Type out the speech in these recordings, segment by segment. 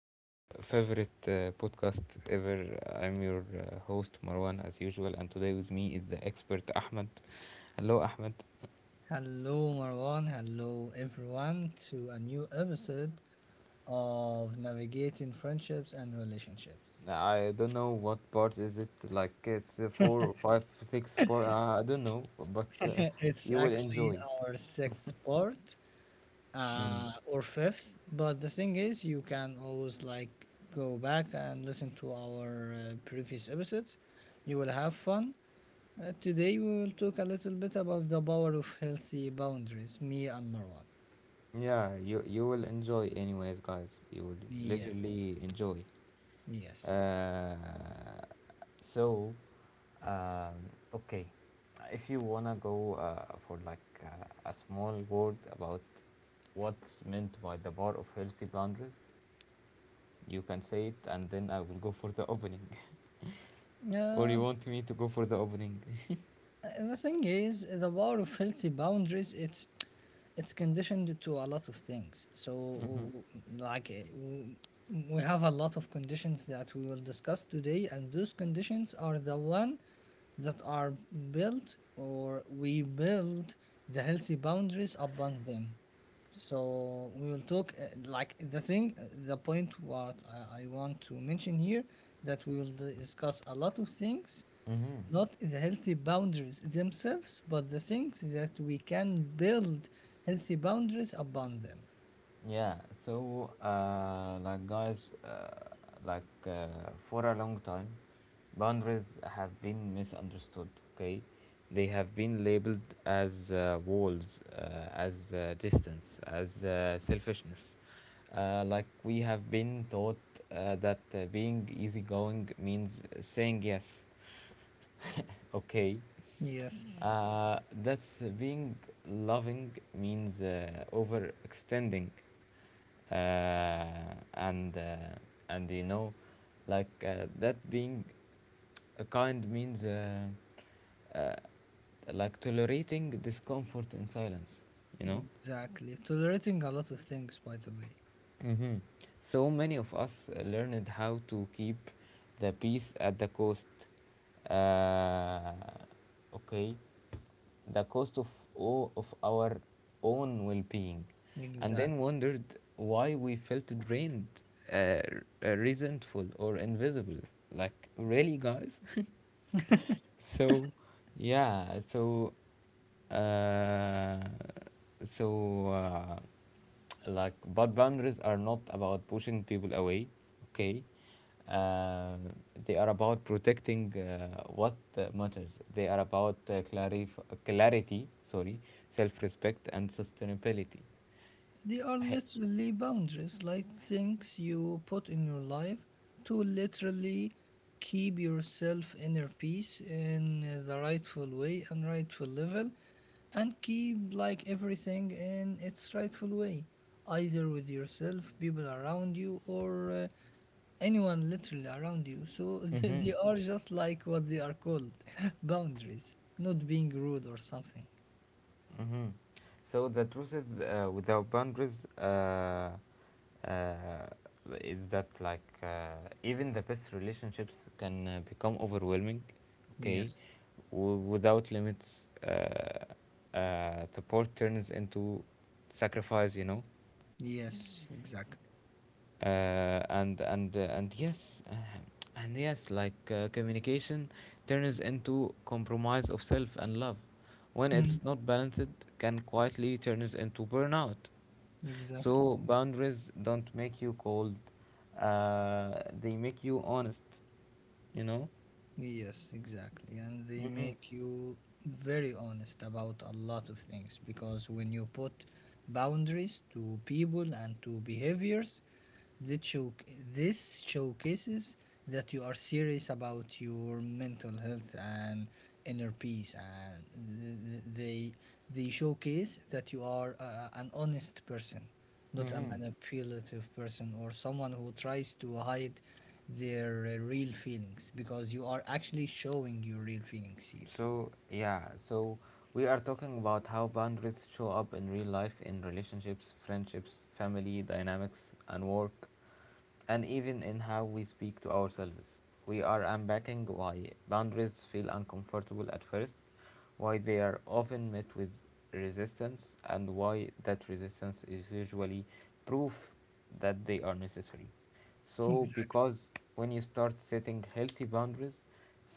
favorite podcast ever. I'm your host Marwan, as usual, and today with me is the expert Ahmed. Hello, Ahmed. Hello, Marwan. Hello, everyone, to a new episode of Navigating Friendships and Relationships. I don't know what part is it, like it's four, five, six part. I don't know, but It's you will actually enjoy. our sixth part Mm. Or fifth, but the thing is, you can always go back and listen to our previous episodes. You will have fun. Today, we will talk a little bit about the power of healthy boundaries, me and Marwan. Yeah, you will enjoy, anyways, guys. You will Yes, literally enjoy. yes. Uh, so, okay, if you wanna go for like a small word about what's meant by the bar of healthy boundaries, you can say it, and then I will go for the opening. Or you Um, want me to go for the opening? The thing is, the power of healthy boundaries, it's conditioned to a lot of things. So, Mm-hmm. Like, we have a lot of conditions that we will discuss today, and those conditions are the one that are built or we build the healthy boundaries upon them. So we will talk like the thing, the point what I want to mention here that we will discuss a lot of things, Mm-hmm. not the healthy boundaries themselves, but the things that we can build healthy boundaries upon them. Yeah, so like guys, like for a long time, boundaries have been misunderstood. Okay, they have been labeled as walls, as distance, as selfishness. Like we have been taught that being easygoing means saying yes, okay. Yes, That's being loving means overextending, uh, and uh, and you know, that being a kind means uh, like tolerating discomfort in silence. You know. exactly. Tolerating a lot of things, by the way. hmm So many of us learned how to keep the peace at the cost. Uh, okay, the cost of all of our own well-being, and then Exactly. wondered why we felt drained, resentful, or invisible. Like really, guys. so yeah so uh, so uh, but boundaries are not about pushing people away, okay. uh, they are about protecting what matters. They are about clarity, sorry, self-respect and sustainability. They are literally boundaries, like things you put in your life to literally keep yourself inner peace in the rightful way and rightful level, and keep like everything in its rightful way, either with yourself, people around you, or anyone literally around you. So they Mm-hmm. they are just like what they are called, boundaries, not being rude or something. hmm So the truth is, without boundaries, uh, is that even the best relationships can become overwhelming, okay? Yes, Without limits, support turns into sacrifice, you know? yes, exactly. Uh, and and uh, and yes uh, and yes like Communication turns into compromise of self and love when it's not balanced, can quietly turns into burnout. Exactly. So boundaries don't make you cold, uh, they make you honest, you know. Yes, exactly. And they make you very honest about a lot of things, because when you put boundaries to people and to behaviors, This, show- this showcases that you are serious about your mental health and inner peace, and they they showcase that you are an honest person, not a Mm-hmm. manipulative person or someone who tries to hide their real feelings, because you are actually showing your real feelings here. So, yeah, so we are talking about how boundaries show up in real life in relationships, friendships, family dynamics, and work, and even in how we speak to ourselves. We are unpacking why boundaries feel uncomfortable at first, why they are often met with resistance, and why that resistance is usually proof that they are necessary. So, Exactly. because when you start setting healthy boundaries,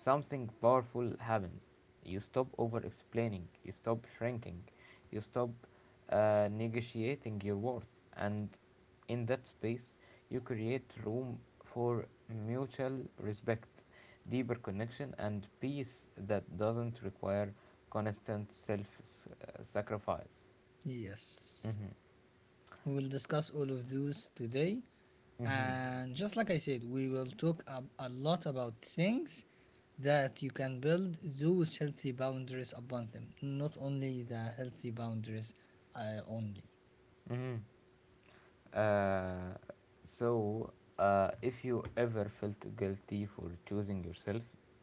something powerful happens. You stop over explaining, you stop shrinking, you stop negotiating your worth, and in that space, you create room for mutual respect, deeper connection, and peace that doesn't require constant self sacrifice. Yes. Mm-hmm. We will discuss all of those today. Mm-hmm. And just like I said, we will talk a lot about things that you can build those healthy boundaries upon them, not only the healthy boundaries only. Mm-hmm. Uh, so, if you ever felt guilty for choosing yourself,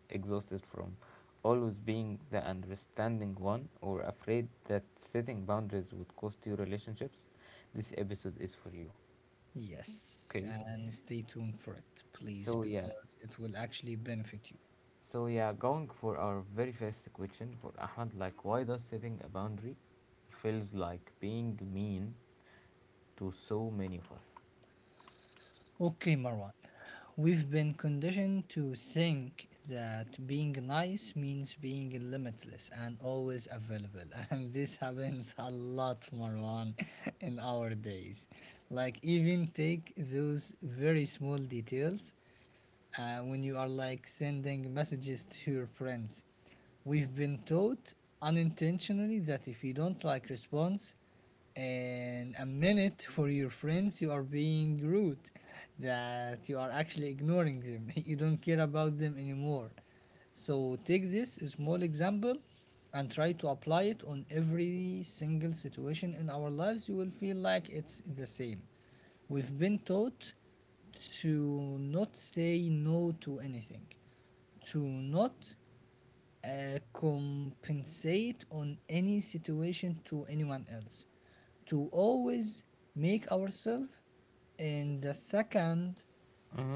exhausted from always being the understanding one, or afraid that setting boundaries would cost you relationships, this episode is for you. Yes, Okay? and stay tuned for it, please, So, yeah. because it will actually benefit you. So, yeah, going for our very first question for Ahmad, like, why does setting a boundary feels like being mean to so many of us? Okay, Marwan. We've been conditioned to think that being nice means being limitless and always available. And this happens a lot, Marwan, in our days. Like, even take those very small details when you are like sending messages to your friends. We've been taught unintentionally that if you don't like response in a minute for your friends, you are being rude, that you are actually ignoring them, you don't care about them anymore. So take this small example and try to apply it on every single situation in our lives. You will feel like it's the same. We've been taught to not say no to anything, to not compensate on any situation to anyone else, to always make ourselves in the second,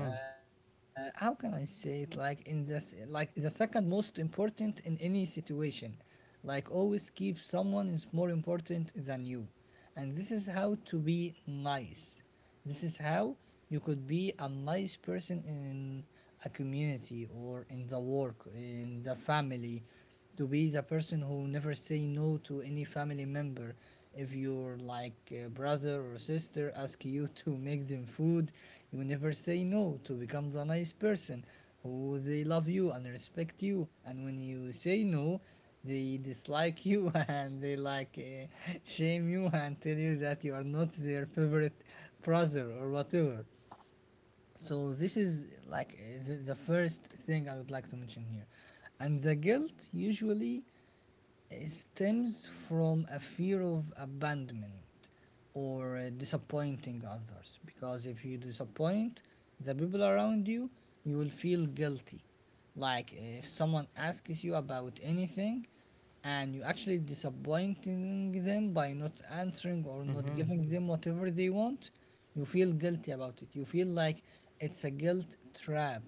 uh, how can I say it, like in this like the second most important in any situation, like always keep someone is more important than you. And this is how to be nice. This is how you could be a nice person in a community or in the work, in the family, to be the person who never say no to any family member. If your like brother or sister ask you to make them food, you never say no to become the nice person who they love you and respect you, and when you say no, they dislike you and they like shame you and tell you that you are not their favorite brother or whatever. So this is like the first thing I would like to mention here. And the guilt usually stems from a fear of abandonment or disappointing others, because if you disappoint the people around you, you will feel guilty. Like if someone asks you about anything and you actually disappointing them by not answering or not Mm-hmm. giving them whatever they want, you feel guilty about it. You feel like it's a guilt trap,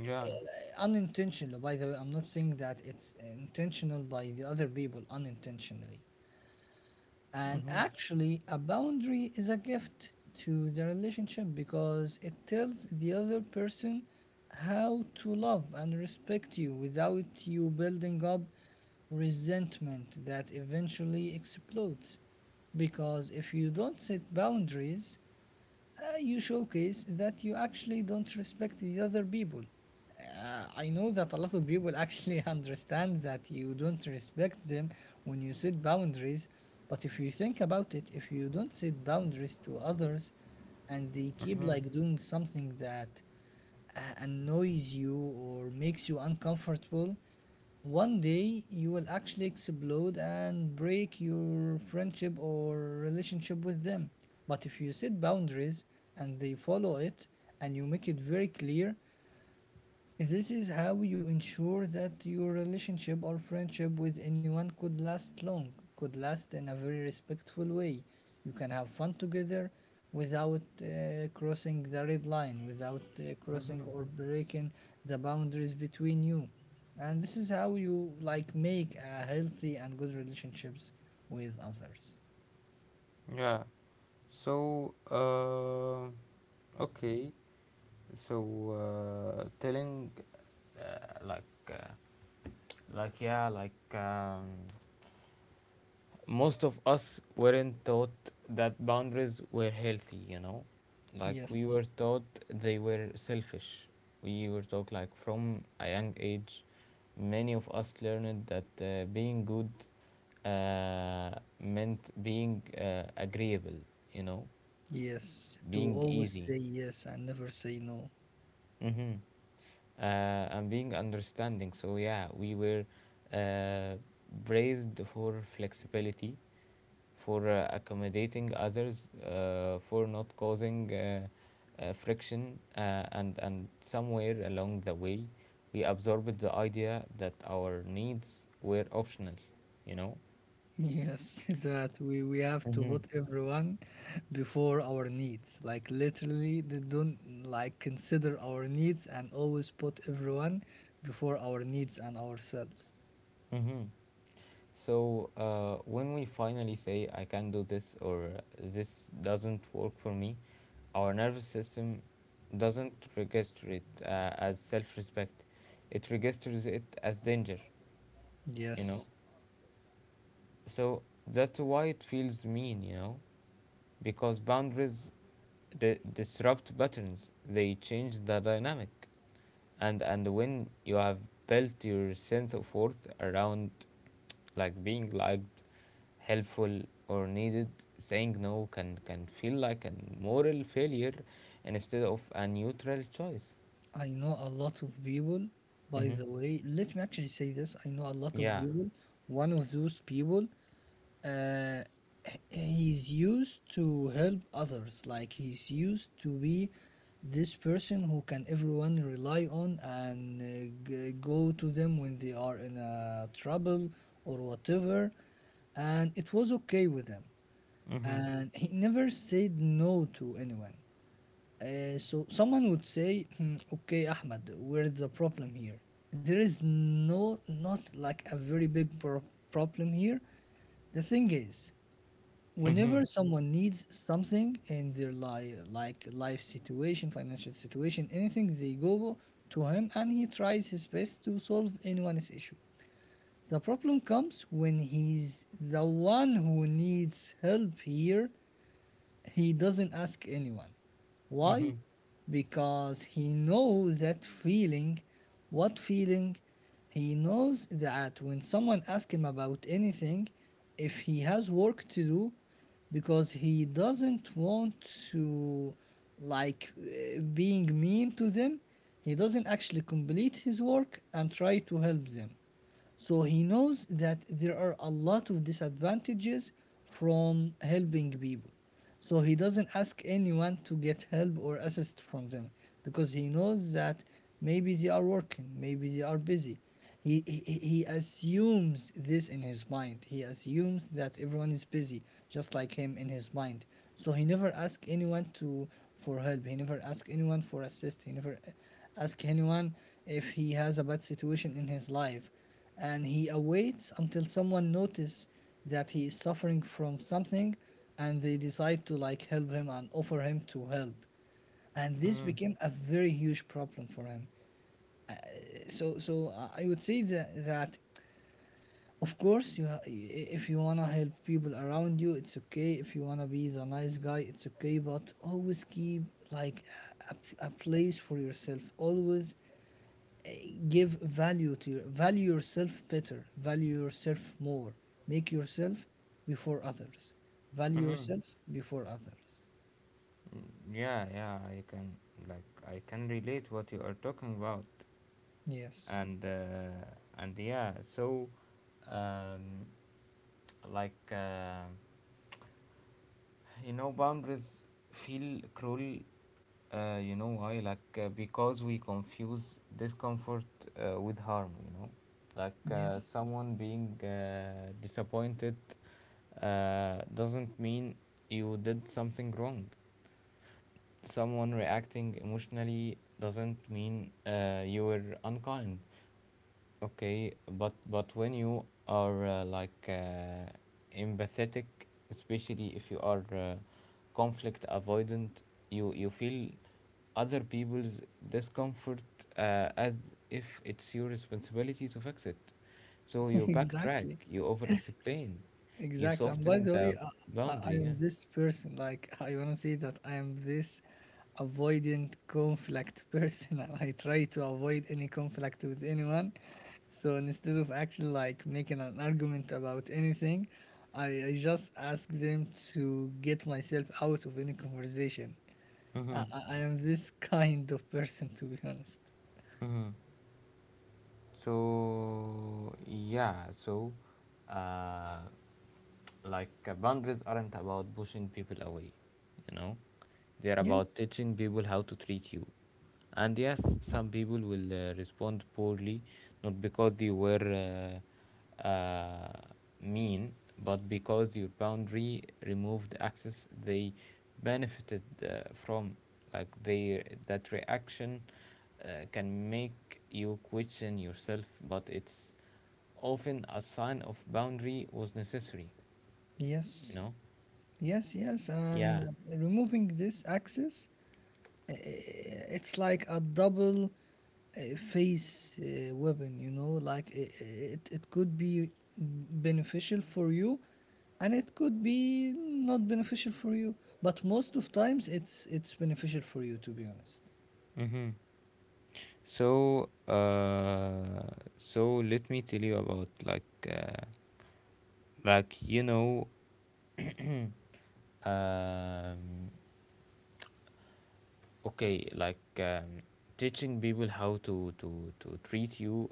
Yeah. unintentional, by the way. I'm not saying that it's intentional by the other people, unintentionally. And Mm-hmm. actually a boundary is a gift to the relationship, because it tells the other person how to love and respect you without you building up resentment that eventually explodes. Because if you don't set boundaries, you showcase that you actually don't respect the other people. I know that a lot of people actually understand that you don't respect them when you set boundaries, but if you think about it, if you don't set boundaries to others and they keep Mm-hmm. like doing something that annoys you or makes you uncomfortable, one day you will actually explode and break your friendship or relationship with them. But if you set boundaries and they follow it and you make it very clear, this is how you ensure that your relationship or friendship with anyone could last long, could last in a very respectful way. You can have fun together without crossing the red line, without crossing or breaking the boundaries between you. And this is how you like make a healthy and good relationships with others. Yeah. So, okay. So, telling, uh, like, uh, like, yeah, like, Most of us weren't taught that boundaries were healthy, you know? Like, we Yes. were taught they were selfish. We were taught, like, from a young age, many of us learned that being good uh, meant being agreeable, you know? Yes, to Being always easy. say yes and never say no. Mm-hmm. Uh, and being understanding. So yeah, we were uh, praised for flexibility, for accommodating others, for not causing friction, and somewhere along the way, we absorbed the idea that our needs were optional. You know. Yes, that we have to Mm-hmm. put everyone before our needs. Like literally, they don't like consider our needs and always put everyone before our needs and ourselves. Mm-hmm. So when we finally say I can do this or this doesn't work for me, our nervous system doesn't register it as self respect, it registers it as danger, you know? Yes, So that's why it feels mean, you know? Because boundaries disrupt patterns, they change the dynamic. And when you have built your sense of worth around like being liked, helpful, or needed, saying no, can feel like a moral failure instead of a neutral choice. I know a lot of people. By Hmm. the way, let me actually say this. I know a lot of Yeah. people. One of those people, uh, he's used to help others, like he's used to be this person who can everyone rely on, and go to them when they are in a trouble or whatever. And it was okay with him, Mm-hmm. and he never said no to anyone. So someone would say, "Hmm, okay Ahmed, where's the problem here? There is no, not like a very big problem here. The thing is, Mm-hmm. whenever someone needs something in their life, like life situation, financial situation, anything, they go to him and he tries his best to solve anyone's issue. The problem comes when he's the one who needs help here. He doesn't ask anyone. Why? Mm-hmm. Because he knows that feeling. What feeling? He knows that when someone asks him about anything, if he has work to do, because he doesn't want to like being mean to them, he doesn't actually complete his work and try to help them. So he knows that there are a lot of disadvantages from helping people. So he doesn't ask anyone to get help or assist from them, because he knows that maybe they are working, maybe they are busy. He assumes this in his mind. He assumes that everyone is busy, just like him in his mind. So he never asks anyone to for help. He never asks anyone for assist. He never asks anyone if he has a bad situation in his life, and he awaits until someone notice that he is suffering from something and they decide to like help him and offer him to help. And this became a very huge problem for him. So I would say that of course if you want to help people around you, it's okay. If you want to be the nice guy, it's okay, but always keep like a, a place for yourself. Always give value to your, value yourself better, value yourself more. Make yourself before others. Value yourself before others. Mm-hmm. Yeah, yeah, I can relate what you are talking about, Yes, and uh, and yeah, um, like. Uh, You know, boundaries feel cruel, you know why? Like, because we confuse discomfort with harm, you know? Like, yes. someone being disappointed doesn't mean you did something wrong. Someone reacting emotionally doesn't mean you were unkind. Okay, but when you are empathetic, especially if you are conflict avoidant, you feel other people's discomfort as if it's your responsibility to fix it. So you backtrack, Exactly. you over explain, you Exactly. And by soften the way, the I boundary. am Yeah. this person. Like, I want to say that I am this avoidant conflict person, and I try to avoid any conflict with anyone. So instead of actually like making an argument about anything, I just ask them to get myself out of any conversation. I, Mm-hmm. I I am this kind of person, to be honest. Mm-hmm. So yeah, so uh, boundaries aren't about pushing people away, you know. They're about Yes, teaching people how to treat you. And yes, some people will respond poorly, not because you were uh, uh, mean, but because your boundary removed access they benefited from. Like they That reaction can make you question yourself, but it's often a sign of boundary was necessary, you yes, know? yes, yes. And Yeah. Removing this access, Uh, it's like a double face weapon, you know, like, it could be beneficial for you and it could be not beneficial for you, but most of times it's beneficial for you, to be honest. Mm-hmm. So, let me tell you about like you know, um, okay, like um, teaching people how to to treat you.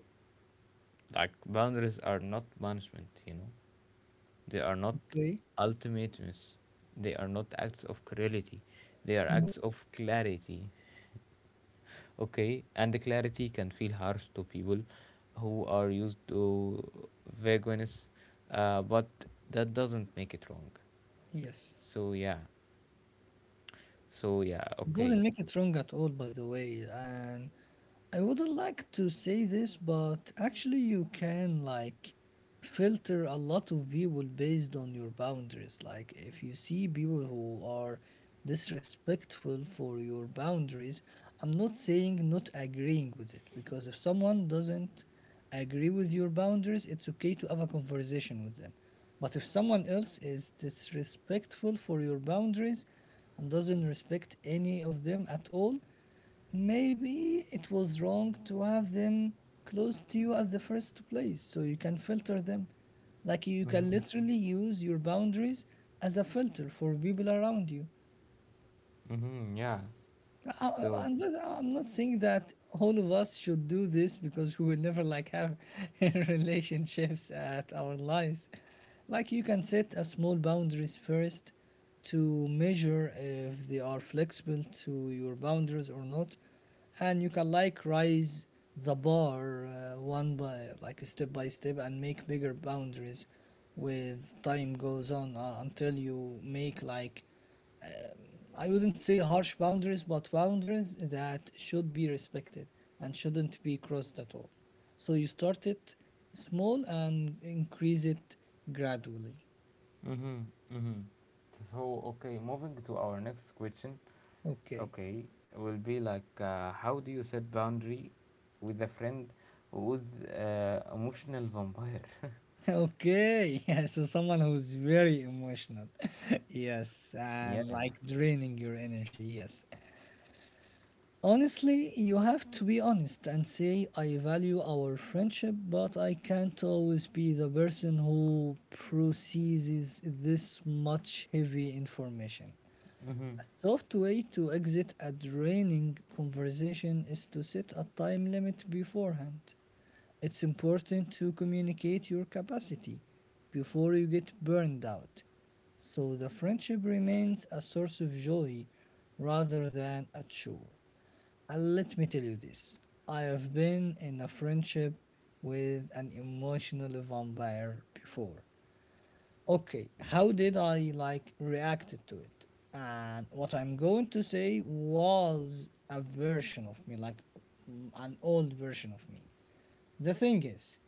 Like boundaries are not punishment, you know. They are not Okay. ultimatums. They are not acts of cruelty. They are Mhm. acts of clarity. Okay, and the clarity can feel harsh to people who are used to vagueness, but that doesn't make it wrong. Yes. So yeah, so yeah, It doesn't okay. make it wrong at all, by the way. And I wouldn't like to say this, but actually, you can like filter a lot of people based on your boundaries. Like, if you see people who are disrespectful for your boundaries, I'm not saying not agreeing with it, because if someone doesn't agree with your boundaries, it's okay to have a conversation with them. But if someone else is disrespectful for your boundaries and doesn't respect any of them at all, maybe it was wrong to have them close to you at the first place, so you can filter them. Like you can Mhm, literally use your boundaries as a filter for people around you. mhm, yeah. I, So, I'm not. I'm not saying that all of us should do this because we will never like have relationships at our lives. Like you can set a small boundaries first to measure if they are flexible to your boundaries or not, and you can like rise the bar one by like step by step and make bigger boundaries with time goes on until you make like I wouldn't say harsh boundaries, but boundaries that should be respected and shouldn't be crossed at all. So you start it small and increase it gradually. mhm, mhm. So okay, moving to our next question. Okay. Okay, will be like how do you set boundary with a friend who's emotional vampire? Okay. Yeah, so someone who's very emotional. Yes, Yeah. and like draining your energy. Yes. Honestly, you have to be honest and say, I value our friendship, but I can't always be the person who processes this much heavy information. Mm-hmm. A soft way to exit a draining conversation is to set a time limit beforehand. It's important to communicate your capacity before you get burned out, so the friendship remains a source of joy rather than a chore. And let me tell you this, I have been in a friendship with an emotional vampire before. Okay, how did I like reacted to it? And what I'm going to say was a version of me, like an old version of me. The thing is,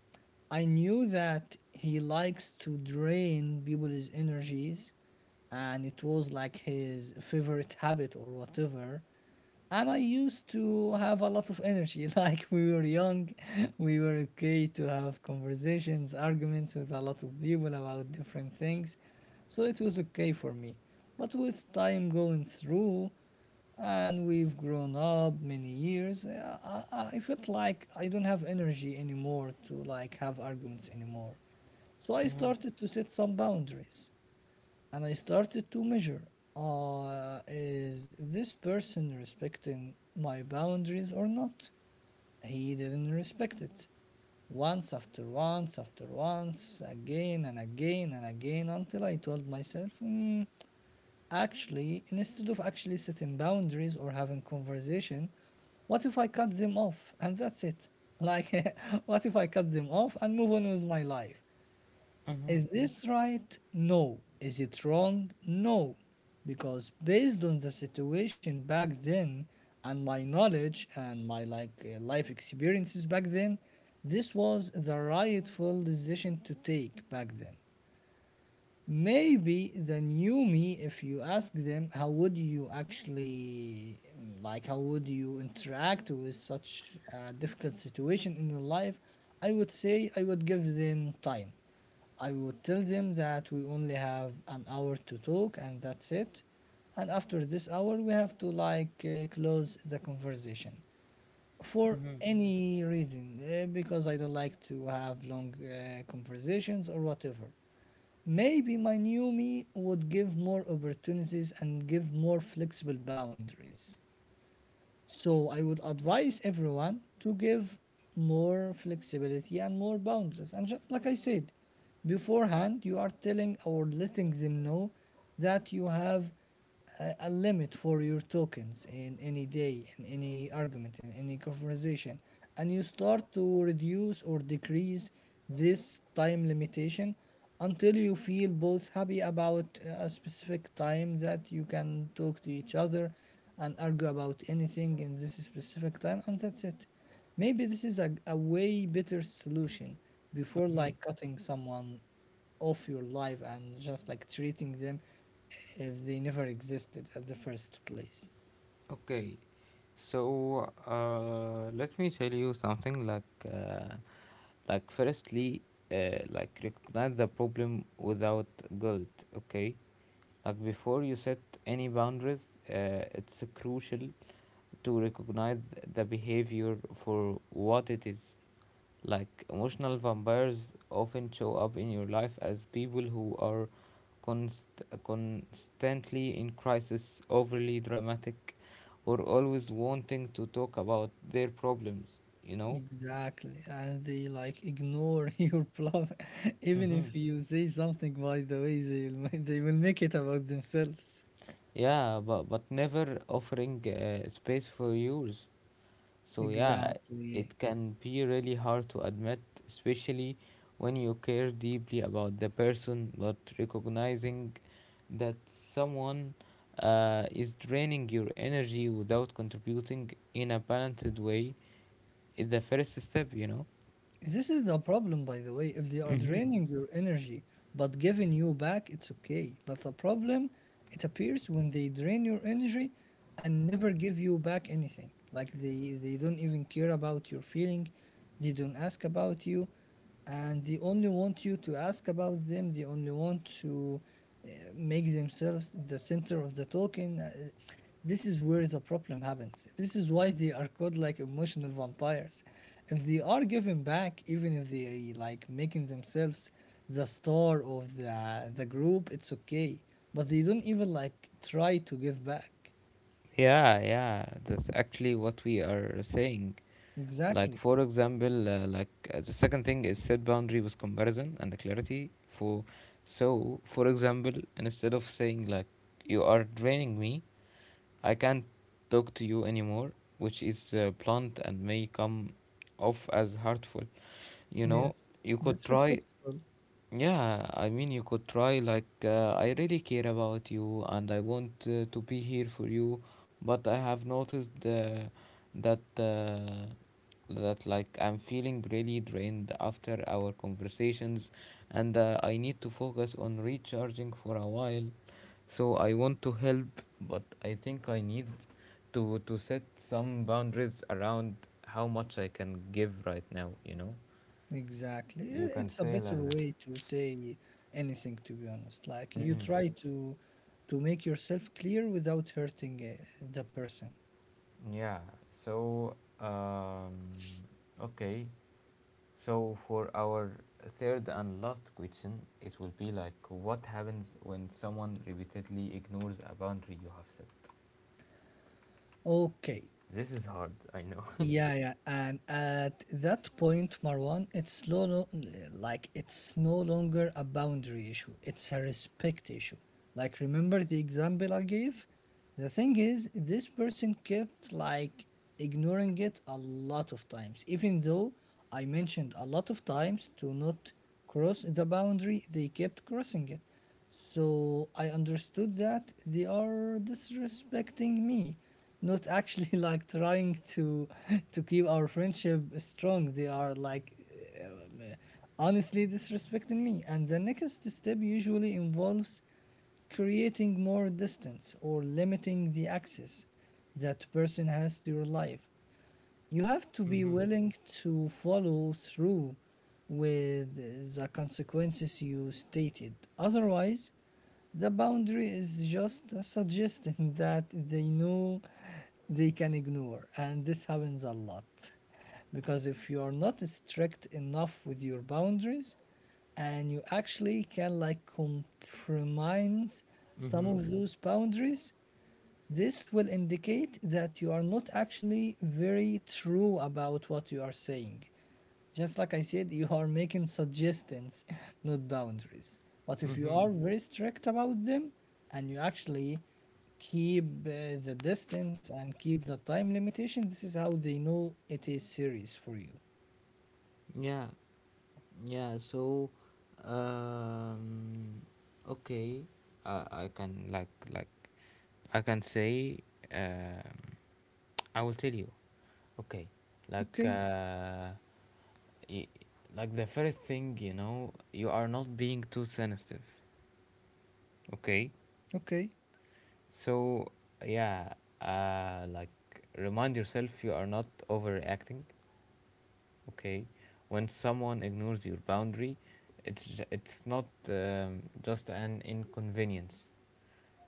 I knew that he likes to drain people's energies and it was like his favorite habit or whatever. And I used to have a lot of energy. Like we were young, we were okay to have conversations, arguments with a lot of people about different things. So it was okay for me. But with time going through, and we've grown up many years I felt like I don't have energy anymore to like have arguments anymore, so I started to set some boundaries and I started to measure, is this person respecting my boundaries or not? He didn't respect it once after once after once, again and again and again, until I told myself, "Hmm, actually, instead of actually setting boundaries or having conversation, what if I cut them off and that's it? Like, what if I cut them off and move on with my life?" Mm-hmm. Is this right? No. Is it wrong? No. Because based on the situation back then and my knowledge and my like life experiences back then, this was the rightful decision to take back then. Maybe the new me, if you ask them, how would you actually, like, how would you interact with such a difficult situation in your life? I would say I would give them time. I would tell them that we only have an hour to talk and that's it. And after this hour, we have to like close the conversation for any reason because I don't like to have long conversations or whatever. Maybe my new me would give more opportunities and give more flexible boundaries. So I would advise everyone to give more flexibility and more boundaries. And just like I said, beforehand, you are telling or letting them know that you have a limit for your tokens in any day, in any argument, in any conversation, and you start to reduce or decrease this time limitation until you feel both happy about a specific time that you can talk to each other and argue about anything in this specific time, and that's it. Maybe this is a way better solution before Hmm. like cutting someone off your life and just like treating them if they never existed at the first place. Okay. So let me tell you something uh, like, firstly like recognize the problem without guilt. Okay. Like before you set any boundaries, it's crucial to recognize the behavior for what it is. Like emotional vampires often show up in your life as people who are constantly in crisis, overly dramatic, or always wanting to talk about their problems, you know? Exactly, and they like ignore your problem, even Mm-hmm. if you say something. By the way, they will make it about themselves. Yeah, but never offering space for yours. So yeah, Exactly. it can be really hard to admit, especially when you care deeply about the person, but recognizing that someone is draining your energy without contributing in a balanced way is the first step, you know. This is the problem, by the way. If they are Mm-hmm. draining your energy but giving you back, it's okay. But the problem, it appears when they drain your energy and never give you back anything. Like they don't even care about your feeling, they don't ask about you, and they only want you to ask about them. They only want to uh, make themselves the center of the talking. This is where the problem happens. This is why they are called like emotional vampires. If they are given back, even if they like making themselves the star of the group, it's okay, but they don't even like try to give back. Yeah, yeah, that's actually what we are saying. Like, Exactly. for example, the second thing is set boundary with comparison and the clarity. For So, for example, instead of saying like you are draining me, I can't talk to you anymore, which is blunt and may come off as hurtful. You know, Yes, you could try. disrespectful. Yeah, I mean, you could try, like, I really care about you and I want to be here for you, but I have noticed that, uh, that, like, I'm feeling really drained after our conversations and I need to focus on recharging for a while. So I want to help, but I think I need to set some boundaries around how much I can give right now, you know? Exactly. You can It's a say better like this. way to say anything, to be honest. Like you Mhm. try to make yourself clear without hurting the person. Yeah. So, okay. So for our third and last question, it will be like, what happens when someone repeatedly ignores a boundary you have set? Okay. This is hard, I know. Yeah, yeah, and at that point, Marwan, it's like it's no longer a boundary issue; it's a respect issue. Like, remember the example I gave? The thing is, this person kept like ignoring it a lot of times, even though I mentioned a lot of times to not cross the boundary, they kept crossing it. So I understood that they are disrespecting me, not actually like trying to to keep our friendship strong. They are like um, honestly disrespecting me. And the next step usually involves creating more distance or limiting the access that person has to your life. You have to be Mm-hmm. willing to follow through with the consequences you stated. Otherwise, the boundary is just a suggestion that they know they can ignore, and this happens a lot. Because if you are not strict enough with your boundaries, and you actually can like compromise some Mm-hmm. of those boundaries, this will indicate that you are not actually very true about what you are saying. Just like I said, you are making suggestions, not boundaries. But if you Mm-hmm. are very strict about them and you actually keep the distance and keep the time limitation, this is how they know it is serious for you. Yeah. Yeah, so um okay. I can like I can say um I will tell you. Okay. Like Okay, uh y- like the first thing, you know, you are not being too sensitive. Okay? okay, So yeah, uh like remind yourself you are not overreacting. Okay, when someone ignores your boundary, it's not just an inconvenience;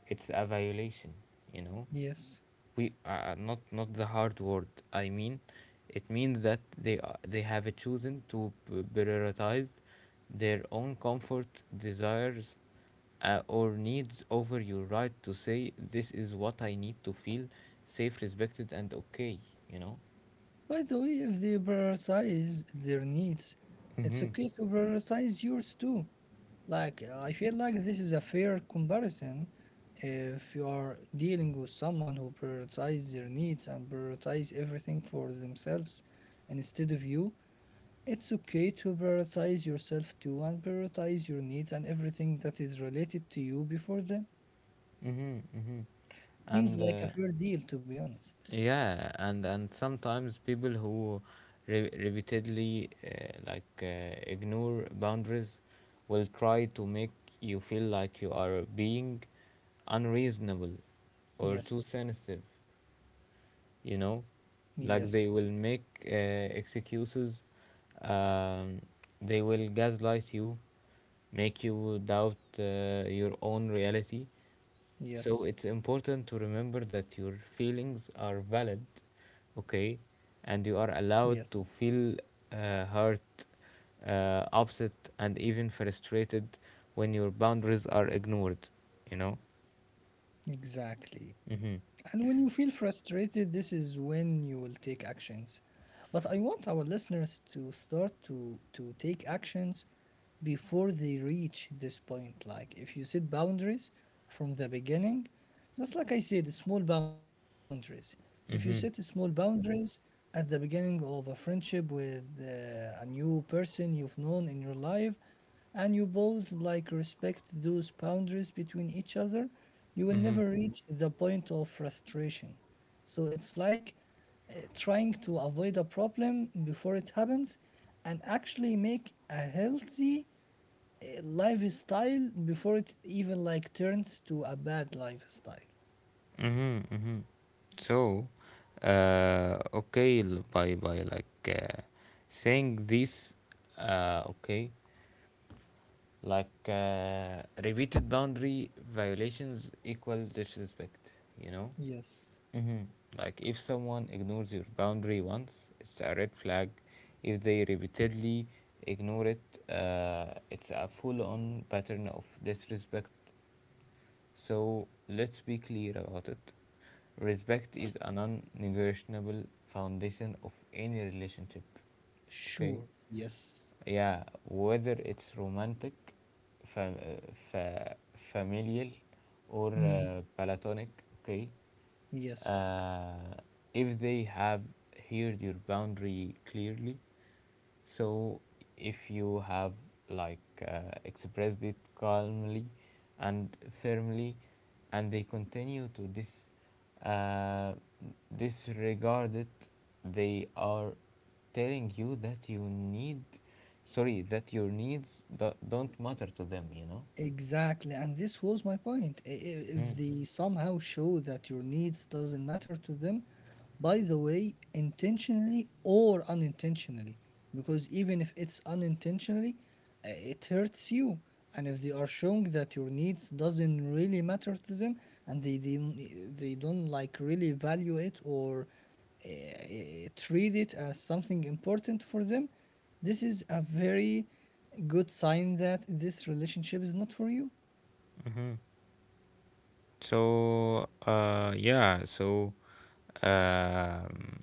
it's a violation. You know, yes. we not not the hard word. I mean, it means that they have chosen to prioritize their own comfort, desires, or needs over your right to say this is what I need to feel safe, respected, and okay. You know. By the way, if they prioritize their needs, it's Mhm. okay to prioritize yours too. Like, I feel like this is a fair comparison if you are dealing with someone who prioritizes their needs and prioritize everything for themselves instead of you. It's okay to prioritize yourself too and prioritize your needs and everything that is related to you before them. Mhm. Mhm. Seems and like a fair deal, to be honest. Yeah, and sometimes people who repeatedly ignore boundaries will try to make you feel like you are being unreasonable or too Yes, sensitive, you know. Like they yes, will make excuses, um, they will gaslight you, make you doubt your own reality. So yes, it's important to remember that your feelings are valid, okay, and you are yes, allowed to feel hurt, upset, and even frustrated when your boundaries are ignored, you know? exactly. Mm-hmm. And when you feel frustrated, this is when you will take actions. But I want our listeners to start to take actions before they reach this point. Like if you set boundaries from the beginning, just like I said, small boundaries. If you set small Mm-hmm. boundaries at the beginning of a friendship with a new person you've known in your life, and you both like respect those boundaries between each other, you will never reach the point of frustration. So it's like trying to avoid a problem before it happens and actually make a healthy lifestyle before it even like turns to a bad lifestyle. Mm-hmm, mm-hmm. So, okay, l- by like saying this, okay, like repeated boundary violations equal disrespect. You know, Yes. mm-hmm. Like if someone ignores your boundary once, it's a red flag. If they repeatedly ignore it, it's a full-on pattern of disrespect, so let's be clear about it. Respect is a non negotiable foundation of any relationship. Okay? Sure. Yes. Yeah, whether it's romantic, fam- uh, fa- familial, or Mm, platonic, okay. yes. uh, if they have heard your boundary clearly, so if you have like expressed it calmly and firmly, and they continue to this uh, disregard, they are telling you that you need, sorry, that your needs don't matter to them, you know? Exactly, and this was my point. If they somehow show that your needs doesn't matter to them, by the way, intentionally or unintentionally, because even if it's unintentionally, it hurts you. And if they are showing that your needs doesn't really matter to them, and they don't like really value it or treat it as something important for them, this is a very good sign that this relationship is not for you. So yeah, so um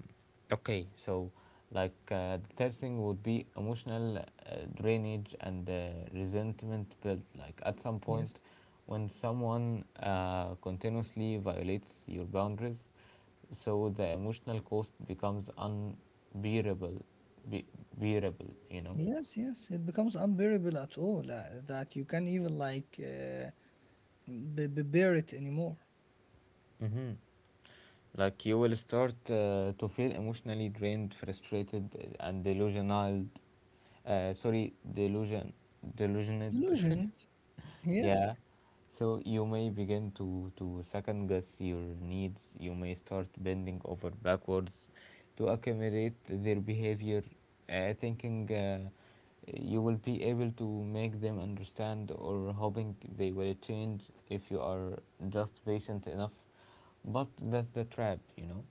okay, so like the third thing would be emotional drainage and resentment built. Like at some point, Yes. when someone continuously violates your boundaries, so the emotional cost becomes unbearable, be- bearable. You know. Yes, yes, it becomes unbearable at all that you can't even like bear it anymore. Like you will start to feel emotionally drained, frustrated, and delusional. Sorry, delusion, delusioned. Delusioned, yes. Yeah. So you may begin to second guess your needs. You may start bending over backwards to accommodate their behavior, thinking you will be able to make them understand or hoping they will change if you are just patient enough, but that's the trap, you know.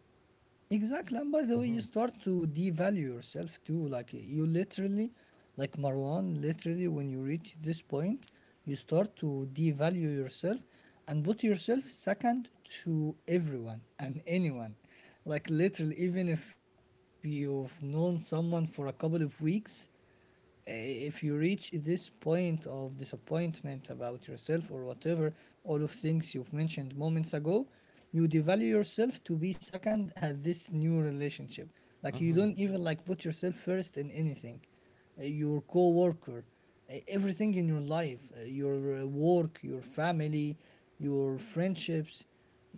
Exactly, and by the way, you start to devalue yourself too. Like you literally, like Marwan, literally, when you reach this point, you start to devalue yourself and put yourself second to everyone and anyone. Like literally, even if you've known someone for a couple of weeks, eh, if you reach this point of disappointment about yourself or whatever, all of things you've mentioned moments ago, you devalue yourself to be second at this new relationship. Like you Mm-hmm. don't even like put yourself first in anything. Your co-worker, everything in your life, your work, your family, your friendships,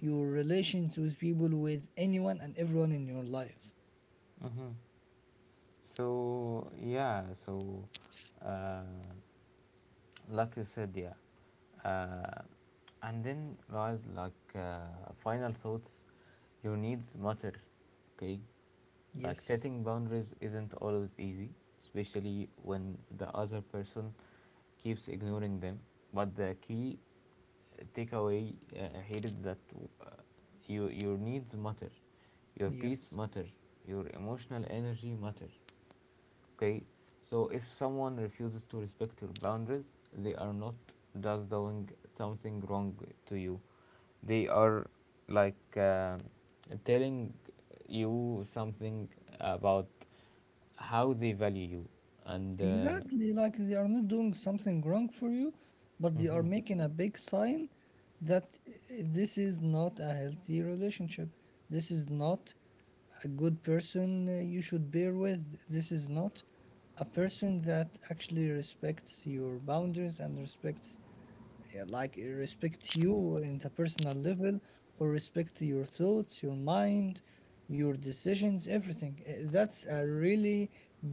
your relations with people, with anyone and everyone in your life. Mm-hmm. So yeah, so uh, like you said, yeah. Uh, and then, guys, like final thoughts, your needs matter, okay? Like Yes, setting boundaries isn't always easy, especially when the other person keeps ignoring them. But the key takeaway here is that uh, your needs matter, your peace yes. matter, your emotional energy matter. Okay, so if someone refuses to respect your boundaries, they are not just doing something wrong to you, they are like telling you something about how they value you, and Exactly, like they are not doing something wrong for you, but they are making a big sign that this is not a healthy relationship. This is not a good person you should bear with. This is not a person that actually respects your boundaries and respects yeah, like respect you in the personal level or respect your thoughts, your mind, your decisions, everything. That's a really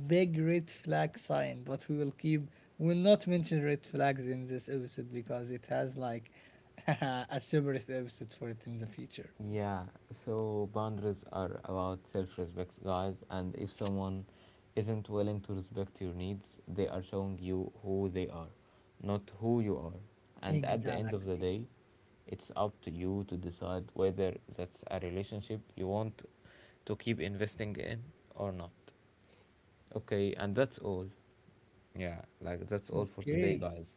big red flag sign, but we'll not mention red flags in this episode because it has like a separate episode for it in the future. Yeah, so boundaries are about self respect, guys. And if someone isn't willing to respect your needs, they are showing you who they are, not who you are. And at the end of the Exactly. day, it's up to you to decide whether that's a relationship you want to keep investing in or not. Okay, and that's all. Yeah, like that's all for today, Okay. guys.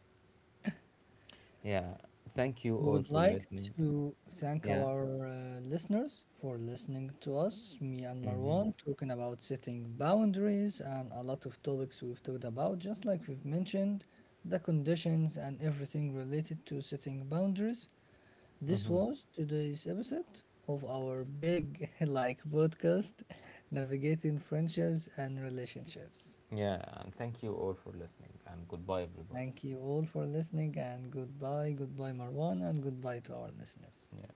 Yeah, thank you We all would for like listening. to thank Yeah. our listeners for listening to us, me and Mm-hmm. Marwan, talking about setting boundaries and a lot of topics we've talked about, just like we've mentioned, the conditions and everything related to setting boundaries. This Mm-hmm. was today's episode of our big like podcast, Navigating Friendships and Relationships. Yeah, and thank you all for listening, and goodbye, everybody. Thank you all for listening and goodbye, goodbye Marwan, and goodbye to our listeners. Yeah.